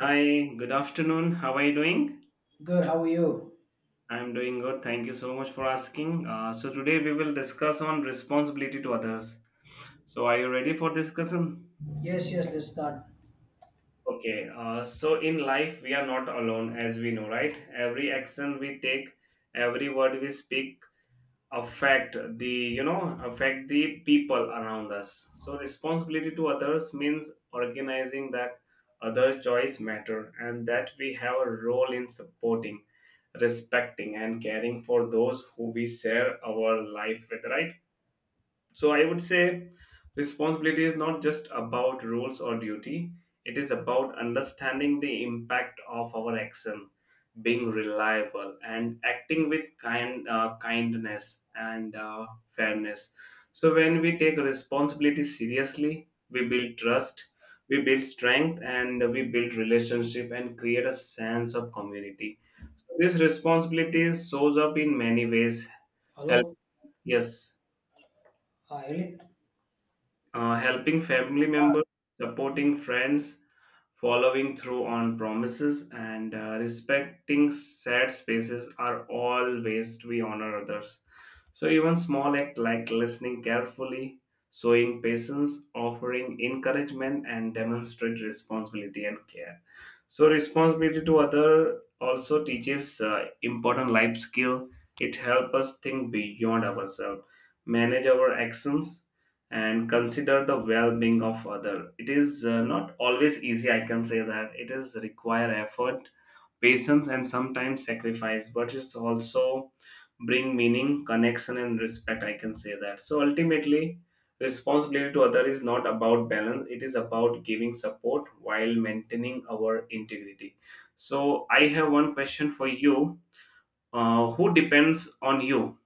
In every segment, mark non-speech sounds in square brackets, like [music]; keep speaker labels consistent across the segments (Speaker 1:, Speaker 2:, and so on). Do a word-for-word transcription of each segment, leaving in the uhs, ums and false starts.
Speaker 1: Hi, good afternoon. How are you doing?
Speaker 2: Good, how are you?
Speaker 1: I'm doing good. Thank you so much for asking. Uh, so today we will discuss on responsibility to others. So are you ready for discussion?
Speaker 2: Yes, yes, let's start.
Speaker 1: Okay. Uh, so in life we are not alone, as we know, right? Every action we take, every word we speak affect the you know affect the people around us. So responsibility to others means organizing that other choice matter, and that we have a role in supporting, respecting, and caring for those who we share our life with, right? So I would say responsibility is not just about roles or duty, it is about understanding the impact of our action, being reliable, and acting with kind uh, kindness and uh, fairness. So when we take responsibility seriously, we build trust, we build strength, and we build relationship and create a sense of community. So this responsibility shows up in many ways. Help,
Speaker 2: Hello.
Speaker 1: yes.
Speaker 2: Hi, Ellie.
Speaker 1: Uh, helping family members, supporting friends, following through on promises, and uh, respecting sad spaces are all ways we honor others. So, even small act like listening carefully, showing patience, offering encouragement, and demonstrate responsibility and care. So, responsibility to other also teaches uh, important life skill. It helps us think beyond ourselves, manage our actions, and consider the well-being of other. It is uh, not always easy, I can say that. It is require effort, patience, and sometimes sacrifice, but it's also bring meaning, connection, and respect, I can say that. So ultimately, responsibility to other is not about balance, it is about giving support while maintaining our integrity. So I have one question for you. Uh, who depends on you?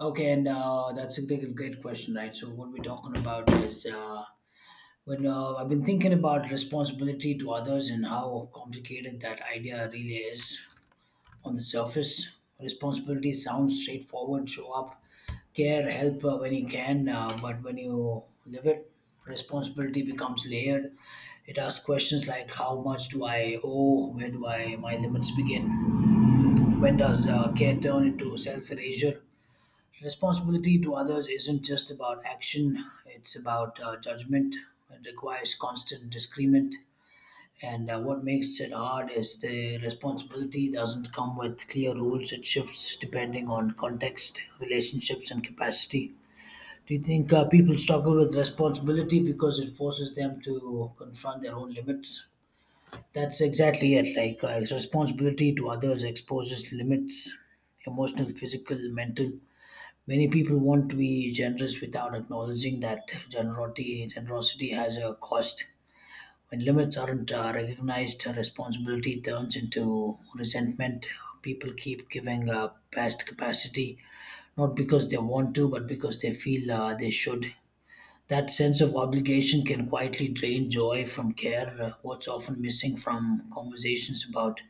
Speaker 2: Okay, and uh, that's a great great question, right? So, what we're talking about is uh, when uh, I've been thinking about responsibility to others and how complicated that idea really is. On the surface, responsibility sounds straightforward: show up, care, help uh, when you can, uh, but when you live it, responsibility becomes layered. It asks questions like how much do I owe, where do I my limits begin, when does uh, care turn into self erasure? Responsibility to others isn't just about action, it's about uh, judgment. It requires constant discernment and uh, what makes it hard is the responsibility doesn't come with clear rules. It shifts depending on context, relationships, and capacity. Do you think uh, people struggle with responsibility because it forces them to confront their own limits? That's exactly it. Like uh, responsibility to others exposes limits, emotional, physical, mental. Many people want to be generous without acknowledging that generosity generosity has a cost. When limits aren't uh, recognized, uh, responsibility turns into resentment. People keep giving uh, past capacity, not because they want to, but because they feel uh, they should. That sense of obligation can quietly drain joy from care. Uh, what's often missing from conversations about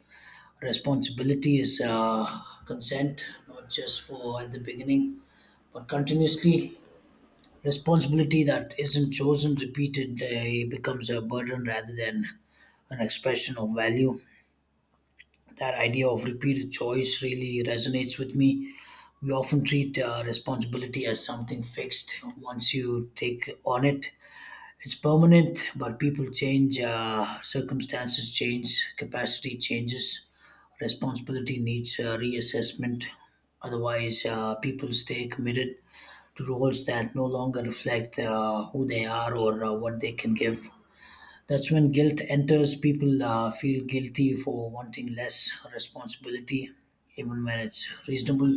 Speaker 2: responsibility is uh, consent, not just for at the beginning, but continuously. Responsibility that isn't chosen repeatedly becomes a burden rather than an expression of value. That idea of repeated choice really resonates with me. We often treat uh, responsibility as something fixed. Once you take on it, it's permanent, but people change, uh, circumstances change, capacity changes, responsibility needs uh, reassessment. Otherwise, uh, people stay committed to roles that no longer reflect uh, who they are or uh, what they can give. That's when guilt enters. People uh, feel guilty for wanting less responsibility, even when it's reasonable.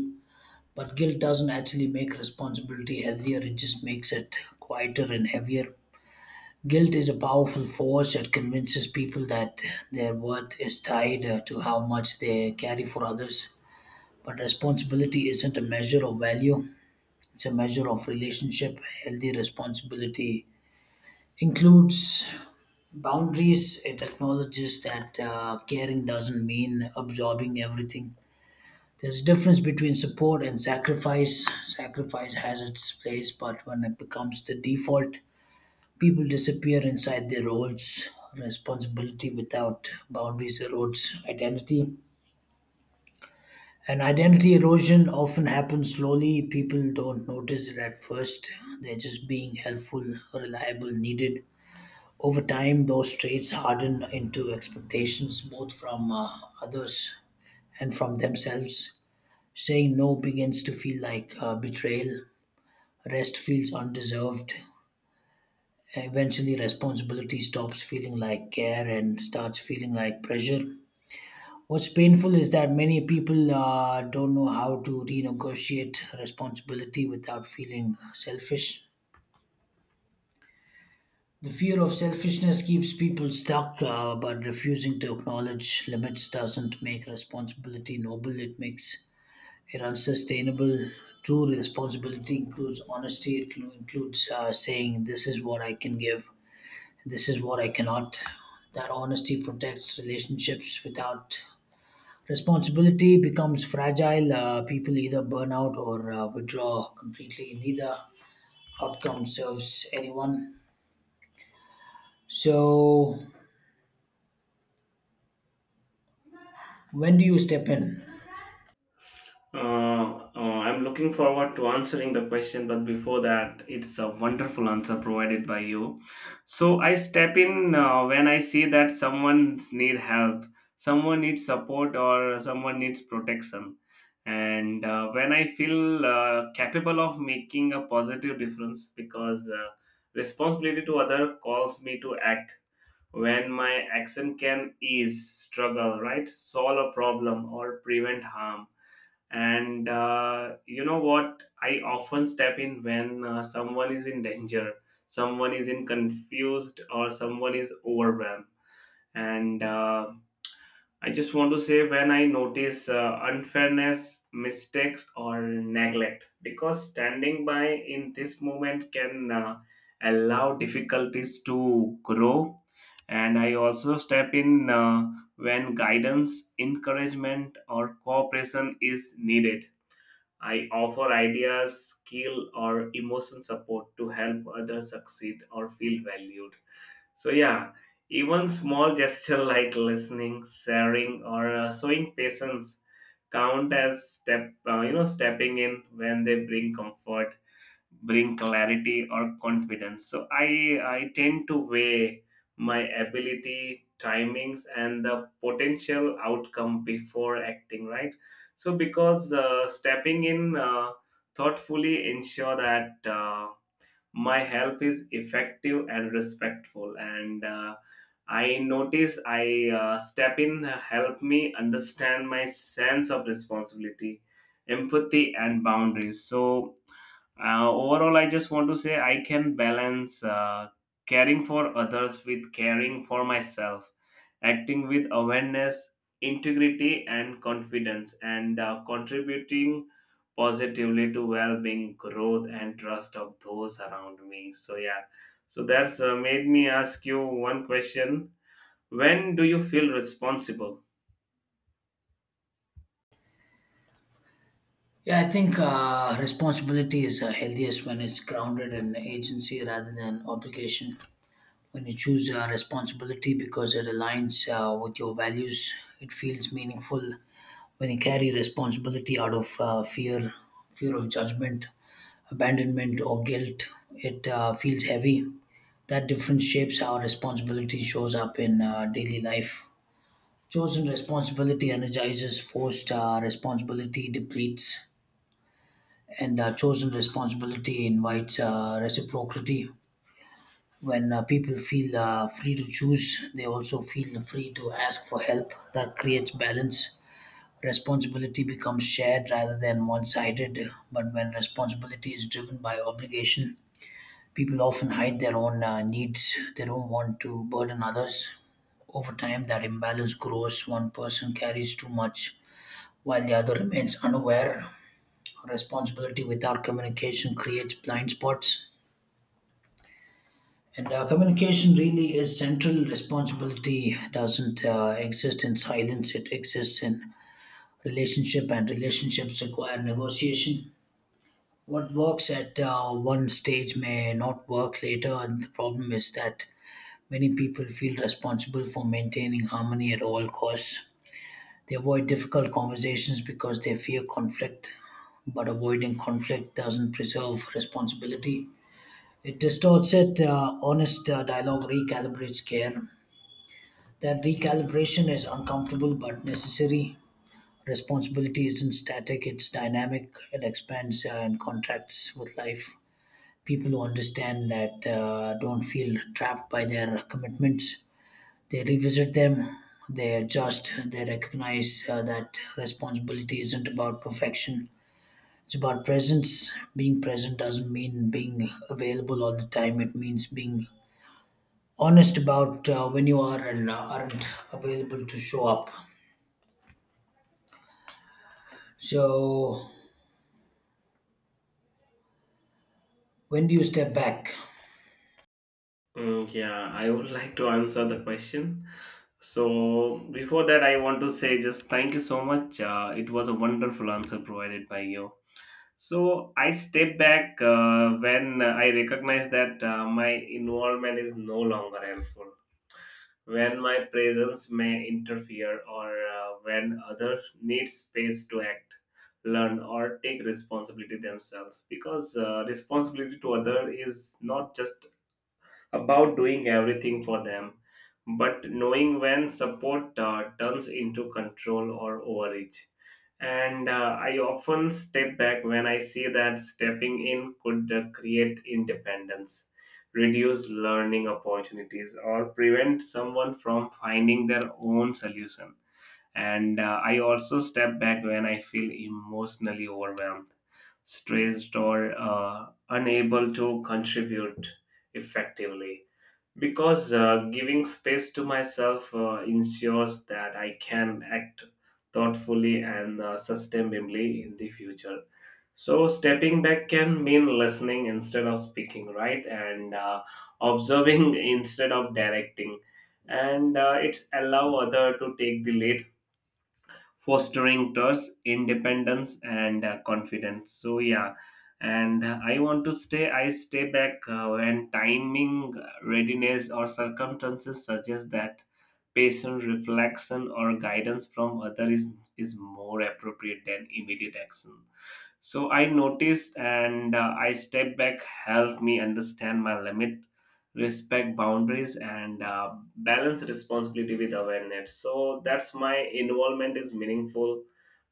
Speaker 2: But guilt doesn't actually make responsibility healthier, it just makes it quieter and heavier. Guilt is a powerful force that convinces people that their worth is tied uh, to how much they carry for others. But responsibility isn't a measure of value, it's a measure of relationship. Healthy responsibility includes boundaries. It acknowledges that uh, caring doesn't mean absorbing everything. There's a difference between support and sacrifice. Sacrifice has its place, but when it becomes the default, people disappear inside their roles. Responsibility without boundaries erodes identity. And identity erosion often happens slowly. People don't notice it at first. They're just being helpful, reliable, needed. Over time, those traits harden into expectations, both from uh, others and from themselves. Saying no begins to feel like uh, betrayal. Rest feels undeserved. Eventually, responsibility stops feeling like care and starts feeling like pressure. What's painful is that many people uh, don't know how to renegotiate responsibility without feeling selfish. The fear of selfishness keeps people stuck, uh, but refusing to acknowledge limits doesn't make responsibility noble, it makes it unsustainable. True responsibility includes honesty, it cl- includes uh, saying, "This is what I can give, this is what I cannot." That honesty protects relationships. Without responsibility becomes fragile. Uh, people either burn out or uh, withdraw completely. Neither outcome serves anyone. So, when do you step in?
Speaker 1: Uh, uh, I'm looking forward to answering the question, but before that, it's a wonderful answer provided by you. So I step in uh, when I see that someone's need help, someone needs support, or someone needs protection. And uh, when I feel uh, capable of making a positive difference, because uh, responsibility to other calls me to act. When my action can ease struggle, right, solve a problem, or prevent harm. And uh, you know what, I often step in when uh, someone is in danger, someone is in confused, or someone is overwhelmed. And uh, I just want to say, when I notice uh, unfairness, mistakes, or neglect, because standing by in this moment can uh, allow difficulties to grow. And I also step in uh, when guidance, encouragement, or cooperation is needed. I offer ideas, skill, or emotion support to help others succeed or feel valued. So, yeah, even small gesture like listening, sharing, or uh, showing patience count as step, uh, you know, stepping in when they bring comfort, bring clarity, or confidence. So i i tend to weigh my ability, timings, and the potential outcome before acting, right? So because uh, stepping in uh, thoughtfully ensure that uh, my help is effective and respectful. And uh, I notice I uh, step in, help me understand my sense of responsibility, empathy, and boundaries. So uh, overall, I just want to say I can balance uh, caring for others with caring for myself, acting with awareness, integrity, and confidence, and uh, contributing positively to well being, growth, and trust of those around me. So, yeah, so that's uh, made me ask you one question. When do you feel responsible?
Speaker 2: Yeah, I think uh, responsibility is uh, healthiest when it's grounded in agency rather than obligation. When you choose uh, responsibility because it aligns uh, with your values, it feels meaningful. When you carry responsibility out of uh, fear, fear of judgment, abandonment, or guilt, it uh, feels heavy. That difference shapes how responsibility shows up in uh, daily life. Chosen responsibility energizes, forced uh, responsibility depletes, and uh, chosen responsibility invites uh, reciprocity. When uh, people feel uh, free to choose, they also feel free to ask for help. That creates balance. Responsibility becomes shared rather than one sided. But when responsibility is driven by obligation, people often hide their own uh, needs. They don't want to burden others. Over time, that imbalance grows. One person carries too much while the other remains unaware. Responsibility without communication creates blind spots. And uh, communication really is central. Responsibility doesn't uh, exist in silence, it exists in relationship, and relationships require negotiation. What works at uh, one stage may not work later, and the problem is that many people feel responsible for maintaining harmony at all costs. They avoid difficult conversations because they fear conflict, but avoiding conflict doesn't preserve responsibility. It distorts it. Uh, honest uh, dialogue recalibrates care. That recalibration is uncomfortable but necessary. Responsibility isn't static, it's dynamic, it expands uh, and contracts with life. People who understand that uh, don't feel trapped by their commitments. They revisit them, they adjust, they recognize uh, that responsibility isn't about perfection. It's about presence. Being present doesn't mean being available all the time, it means being honest about uh, when you are and uh, aren't available to show up. So, when do you step back?
Speaker 1: Mm, yeah, I would [laughs] like to answer the question. So, before that, I want to say just thank you so much. Uh, it was a wonderful answer provided by you. So, I step back uh, when I recognize that uh, my involvement is no longer helpful, when my presence may interfere, or uh, when others need space to act, learn, or take responsibility themselves. Because uh, responsibility to other is not just about doing everything for them, but knowing when support uh, turns into control or overreach. And uh, I often step back when I see that stepping in could uh, create independence, reduce learning opportunities, or prevent someone from finding their own solution. And uh, I also step back when I feel emotionally overwhelmed, stressed, or uh, unable to contribute effectively, because uh, giving space to myself uh, ensures that I can act thoughtfully and uh, sustainably in the future. So, stepping back can mean listening instead of speaking, right? And uh, observing [laughs] instead of directing. And uh, it's allow other to take the lead, fostering trust, independence, and uh, confidence. So yeah, and uh, I want to stay. I stay back uh, when timing, readiness, or circumstances suggest that patient reflection or guidance from other is is more appropriate than immediate action. So I noticed and uh, I step back, help me understand my limit, respect boundaries, and uh, balance responsibility with awareness. So that's my involvement is meaningful,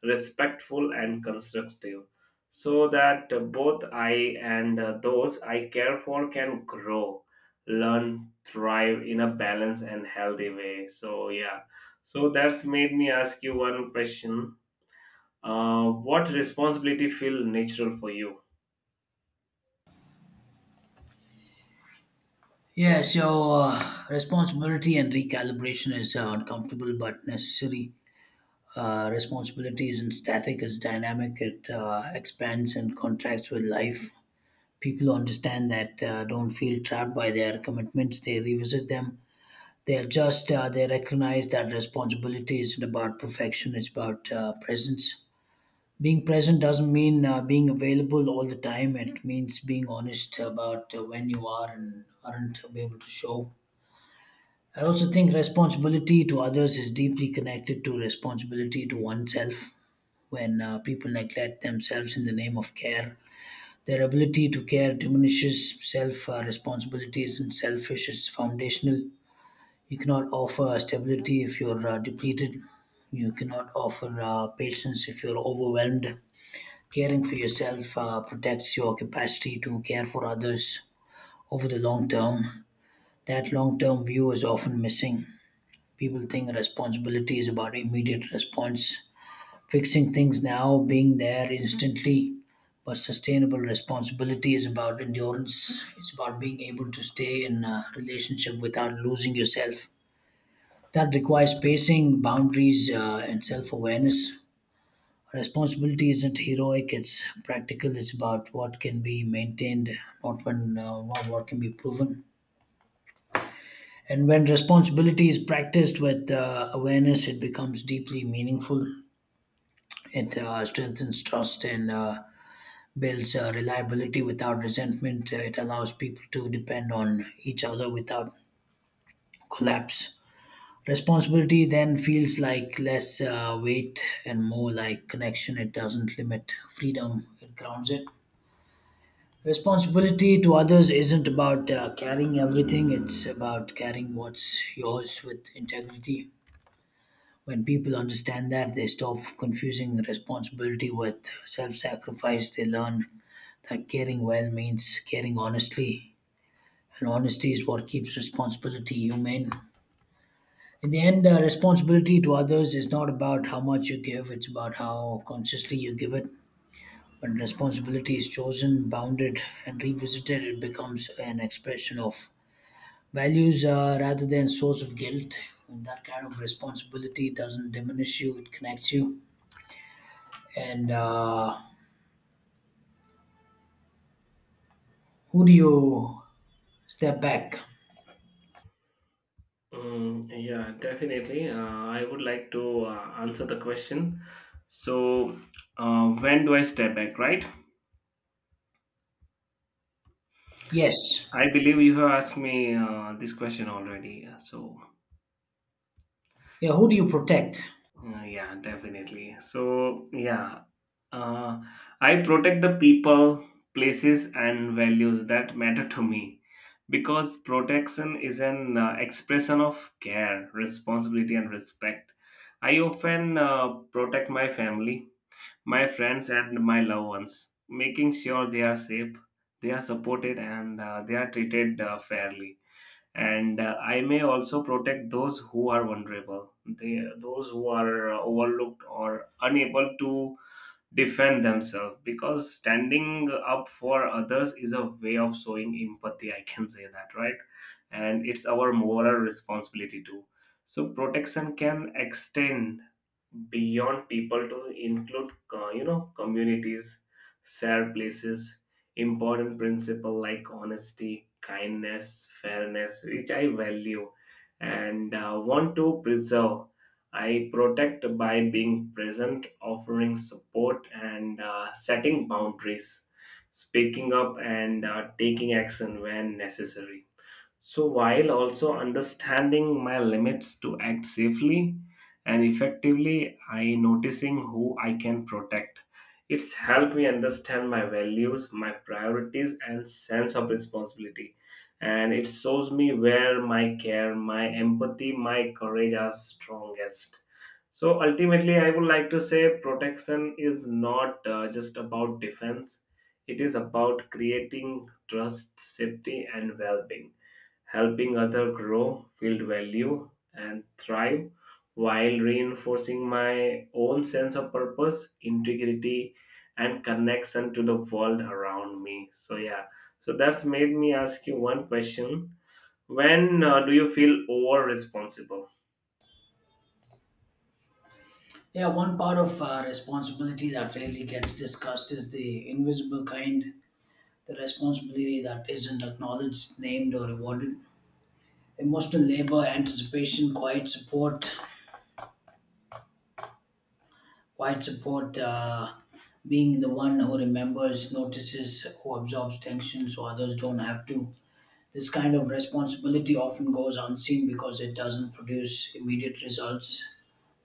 Speaker 1: respectful, and constructive. So that uh, both I and uh, those I care for can grow, learn, thrive in a balanced and healthy way. So yeah. So that's made me ask you one question. Uh, what responsibility feel natural for you?
Speaker 2: Yeah, so uh, responsibility and recalibration is uh, uncomfortable but necessary. Uh, responsibility isn't static, it's dynamic, it uh, expands and contracts with life. People who understand that uh, don't feel trapped by their commitments, they revisit them. They adjust, uh, they recognize that responsibility isn't about perfection, it's about uh, presence. Being present doesn't mean uh, being available all the time. It means being honest about uh, when you are and aren't able to show. I also think responsibility to others is deeply connected to responsibility to oneself. When uh, people neglect themselves in the name of care, their ability to care diminishes. Self uh, responsibility isn't selfish, it's foundational. You cannot offer stability if you're uh, depleted. You cannot offer uh, patience if you're overwhelmed. Caring for yourself uh, protects your capacity to care for others over the long term. That long term view is often missing. People think responsibility is about immediate response, fixing things now, being there instantly. But sustainable responsibility is about endurance, it's about being able to stay in a relationship without losing yourself. That requires pacing, boundaries, uh, and self awareness. Responsibility isn't heroic, it's practical. It's about what can be maintained, not when uh, not what can be proven. And when responsibility is practiced with uh, awareness, it becomes deeply meaningful. It uh, strengthens trust and uh, builds uh, reliability without resentment. Uh, It allows people to depend on each other without collapse. Responsibility then feels like less uh, weight and more like connection. It doesn't limit freedom, it grounds it. Responsibility to others isn't about uh, carrying everything, it's about carrying what's yours with integrity. When people understand that, they stop confusing responsibility with self sacrifice. They learn that caring well means caring honestly, and honesty is what keeps responsibility humane. In the end, uh, responsibility to others is not about how much you give, it's about how consciously you give it. When responsibility is chosen, bounded, and revisited, it becomes an expression of values uh, rather than source of guilt, and that kind of responsibility doesn't diminish you, it connects you. And uh, Who do you step back?
Speaker 1: Mm, yeah, definitely. Uh, I would like to uh, answer the question. So, uh, when do I step back, right?
Speaker 2: Yes.
Speaker 1: I believe you have asked me uh, this question already. So,
Speaker 2: Yeah, who do you protect?
Speaker 1: uh, yeah, definitely. So, yeah. Uh, I protect the people, places, and values that matter to me, because protection is an uh, expression of care, responsibility, and respect. I often uh, protect my family, my friends, and my loved ones, making sure they are safe, they are supported, and uh, they are treated uh, fairly. And uh, I may also protect those who are vulnerable, they, those who are uh, overlooked or unable to defend themselves, because standing up for others is a way of showing empathy, I can say that, right? And it's our moral responsibility too. So protection can extend beyond people to include uh, you know communities, shared places, important principle like honesty, kindness, fairness, which I value and uh, want to preserve. I protect by being present, offering support, and uh, setting boundaries, speaking up, and uh, taking action when necessary. So, while also understanding my limits to act safely and effectively, I noticing who I can protect. It's helped me understand my values, my priorities, and sense of responsibility. And it shows me where my care, my empathy, my courage are strongest. So ultimately, I would like to say protection is not uh, just about defense, it is about creating trust, safety, and well being, helping others grow, feel value, and thrive, while reinforcing my own sense of purpose, integrity, and connection to the world around me. So, yeah, so that's made me ask you one question. When uh, do you feel over responsible?
Speaker 2: Yeah, one part of uh, responsibility that rarely gets discussed is the invisible kind, the responsibility that isn't acknowledged, named, or rewarded: emotional labor, anticipation, quiet support. Quiet support, uh, being the one who remembers, notices, who absorbs tension so others don't have to. This kind of responsibility often goes unseen because it doesn't produce immediate results,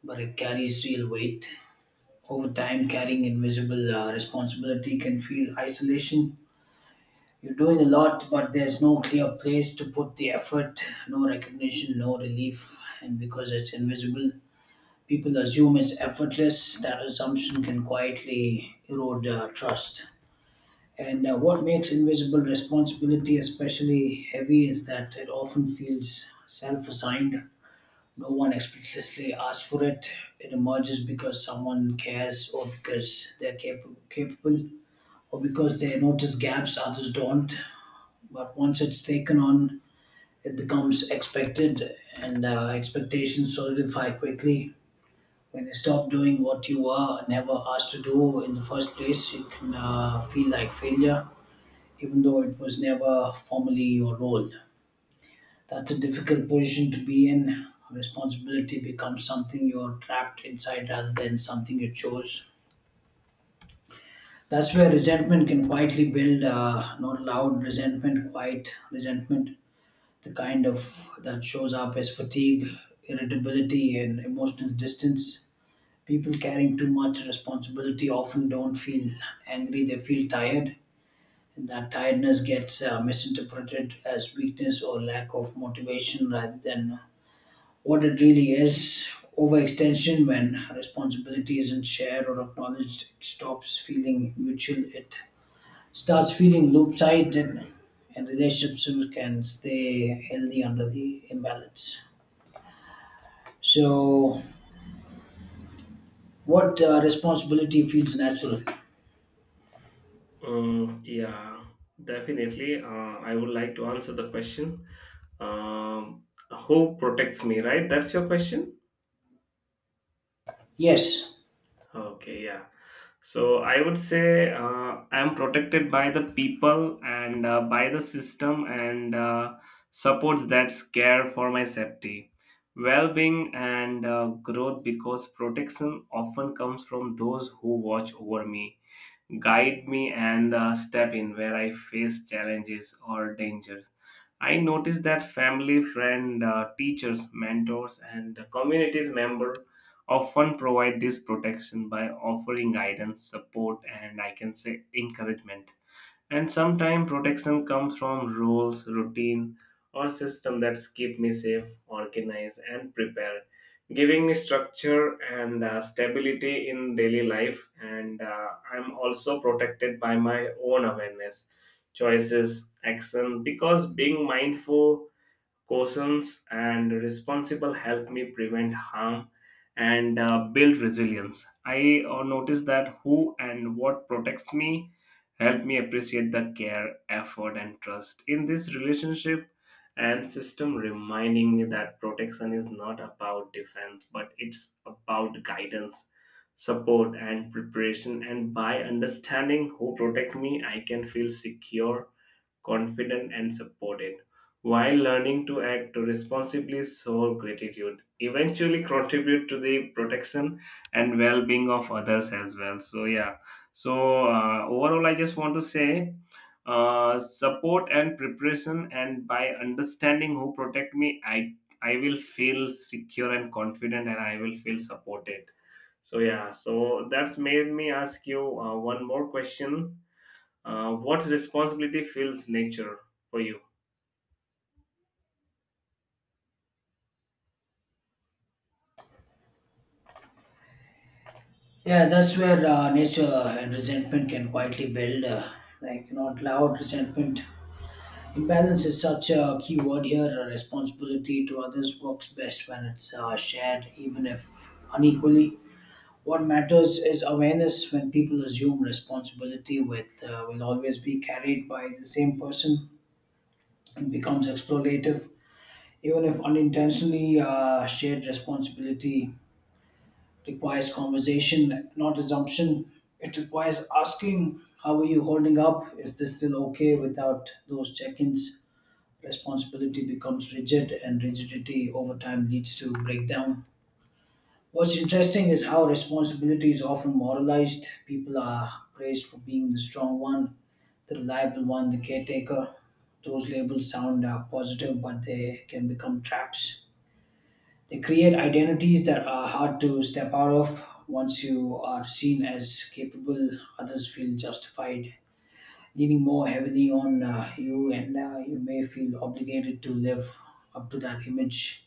Speaker 2: but it carries real weight. Over time, carrying invisible uh, responsibility can feel isolation. You're doing a lot, but there's no clear place to put the effort, no recognition, no relief, and because it's invisible, people assume it's effortless. That assumption can quietly erode uh, trust. And uh, what makes invisible responsibility especially heavy is that it often feels self assigned. No one explicitly asks for it. It emerges because someone cares, or because they're cap- capable, or because they notice gaps others don't. But once it's taken on, it becomes expected, and uh, expectations solidify quickly. When you stop doing what you were never asked to do in the first place, it can uh, feel like failure, even though it was never formally your role. That's a difficult position to be in. Responsibility becomes something you're trapped inside rather than something you chose. That's where resentment can quietly build, uh, not loud resentment, quiet resentment. The kind of that shows up as fatigue, irritability, and emotional distance. People carrying too much responsibility often don't feel angry, they feel tired. And that tiredness gets uh, misinterpreted as weakness or lack of motivation rather than what it really is. Overextension: when responsibility isn't shared or acknowledged, it stops feeling mutual. It starts feeling loop-sided, and relationships can stay healthy under the imbalance. So, what uh, responsibility feels natural?
Speaker 1: Mm, yeah, definitely. Uh, I would like to answer the question. Um, who protects me, right? That's your question?
Speaker 2: Yes.
Speaker 1: Okay, yeah. So I would say uh, I am protected by the people and uh, by the system and uh, supports that care for my safety, well being, and uh, growth, because protection often comes from those who watch over me, guide me, and uh, step in where I face challenges or dangers. I noticed that family, friend, uh, teachers, mentors, and communities member often provide this protection by offering guidance, support, and I can say encouragement. And sometimes protection comes from rules, routine, or system that keep me safe, organized, and prepared, giving me structure and uh, stability in daily life. And uh, I'm also protected by my own awareness, choices, action, because being mindful, cautions, and responsible help me prevent harm and uh, build resilience. I uh, notice that who and what protects me help me appreciate the care, effort, and trust in this relationship and system, reminding me that protection is not about defense, but it's about guidance, support, and preparation. And by understanding who protect me, I can feel secure, confident, and supported, while learning to act responsibly, show gratitude, eventually contribute to the protection and well-being of others as well. So yeah, so uh, overall, I just want to say uh, support and preparation, and by understanding who protect me, i i will feel secure and confident, and I will feel supported. So yeah, so that's made me ask you uh, one more question. Uh, what responsibility fills nature for you?
Speaker 2: Yeah, that's where uh, nature and resentment can quietly build, uh, like not loud resentment. Imbalance is such a key word here. uh, Responsibility to others works best when it's uh, shared, even if unequally. What matters is awareness when people assume responsibility with uh, will always be carried by the same person. It becomes exploitative, even if unintentionally. Uh, shared responsibility requires conversation, not assumption. It requires asking, "How are you holding up? Is this still okay?" Without those check ins, responsibility becomes rigid, and rigidity over time leads to breakdown. What's interesting is how responsibility is often moralized. People are praised for being the strong one, the reliable one, the caretaker. Those labels sound uh, positive, but they can become traps. They create identities that are hard to step out of. Once you are seen as capable, others feel justified leaning more heavily on uh, you, and uh, you may feel obligated to live up to that image.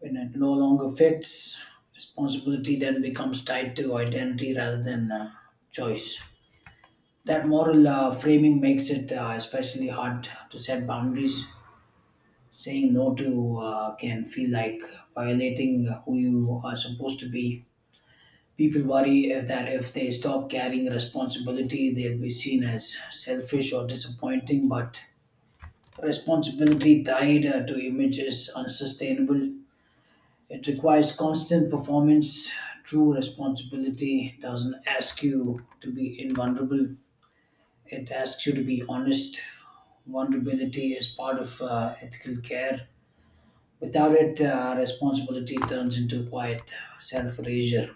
Speaker 2: When it no longer fits, responsibility then becomes tied to identity rather than uh, choice. That moral uh, framing makes it uh, especially hard to set boundaries. Saying no to uh, can feel like violating who you are supposed to be. People worry if- that if they stop carrying responsibility, they'll be seen as selfish or disappointing. But responsibility tied uh, to image is unsustainable. It requires constant performance. True responsibility doesn't ask you to be invulnerable, it asks you to be honest. Vulnerability is part of uh, ethical care. Without it, uh, responsibility turns into quiet self erasure.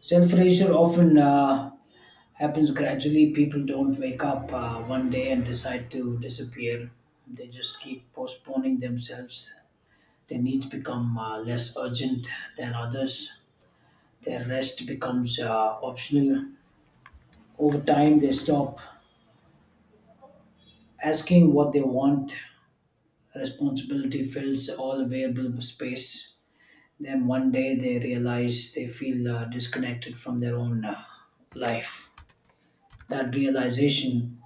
Speaker 2: Self erasure often uh, happens gradually. People don't wake up uh, one day and decide to disappear. They just keep postponing themselves. Their needs become uh, less urgent than others. Their rest becomes uh, optional. Over time, they stop asking what they want. Responsibility fills all available space. Then one day they realize they feel uh, disconnected from their own uh, life. That realization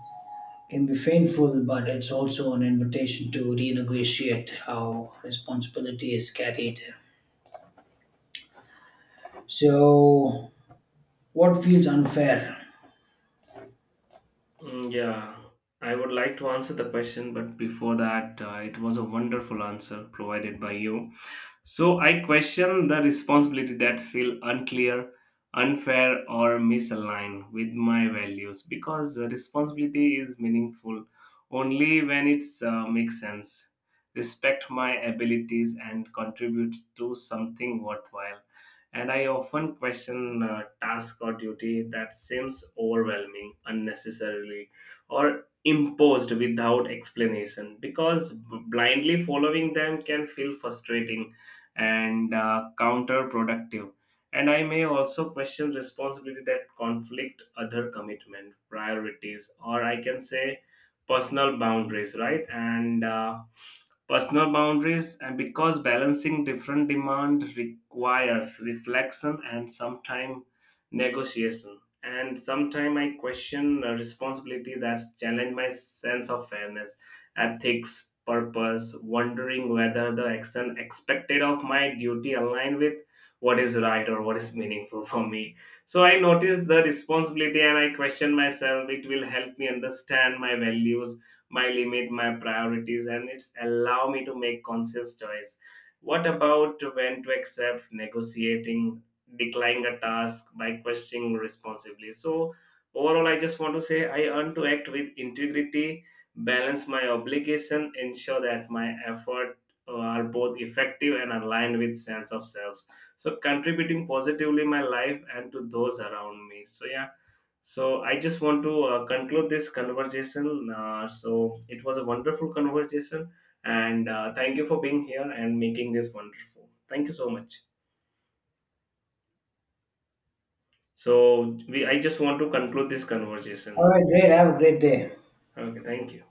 Speaker 2: can be painful, but it's also an invitation to renegotiate how responsibility is carried. So, what feels unfair?
Speaker 1: Mm, yeah, I would like to answer the question, but before that, uh, it was a wonderful answer provided by you. So I question the responsibility that feel unclear, unfair, or misaligned with my values, because the responsibility is meaningful only when it uh, makes sense, respect my abilities, and contribute to something worthwhile. And I often question uh, task or duty that seems overwhelming unnecessarily or imposed without explanation, because b- blindly following them can feel frustrating and uh, counterproductive. And I may also question responsibility that conflict other commitment, priorities, or I can say personal boundaries, right? And uh, personal boundaries, and because balancing different demand requires reflection and sometimes negotiation. And sometimes I question a responsibility that's challenge my sense of fairness, ethics, purpose, wondering whether the action expected of my duty align with what is right or what is meaningful for me. So I noticed the responsibility and I question myself. It will help me understand my values, my limit, my priorities, and it's allow me to make conscious choice. What about when to accept, negotiating, declining a task by questioning responsibly? So overall, I just want to say I earn to act with integrity, balance my obligation, ensure that my effort uh, are both effective and aligned with sense of self, so contributing positively my life and to those around me. So yeah, so I just want to uh, conclude this conversation. Uh, so it was a wonderful conversation, and uh, thank you for being here and making this wonderful. Thank you so much. So we I just want to conclude this conversation.
Speaker 2: All right, great. Have a great day.
Speaker 1: Okay, thank you.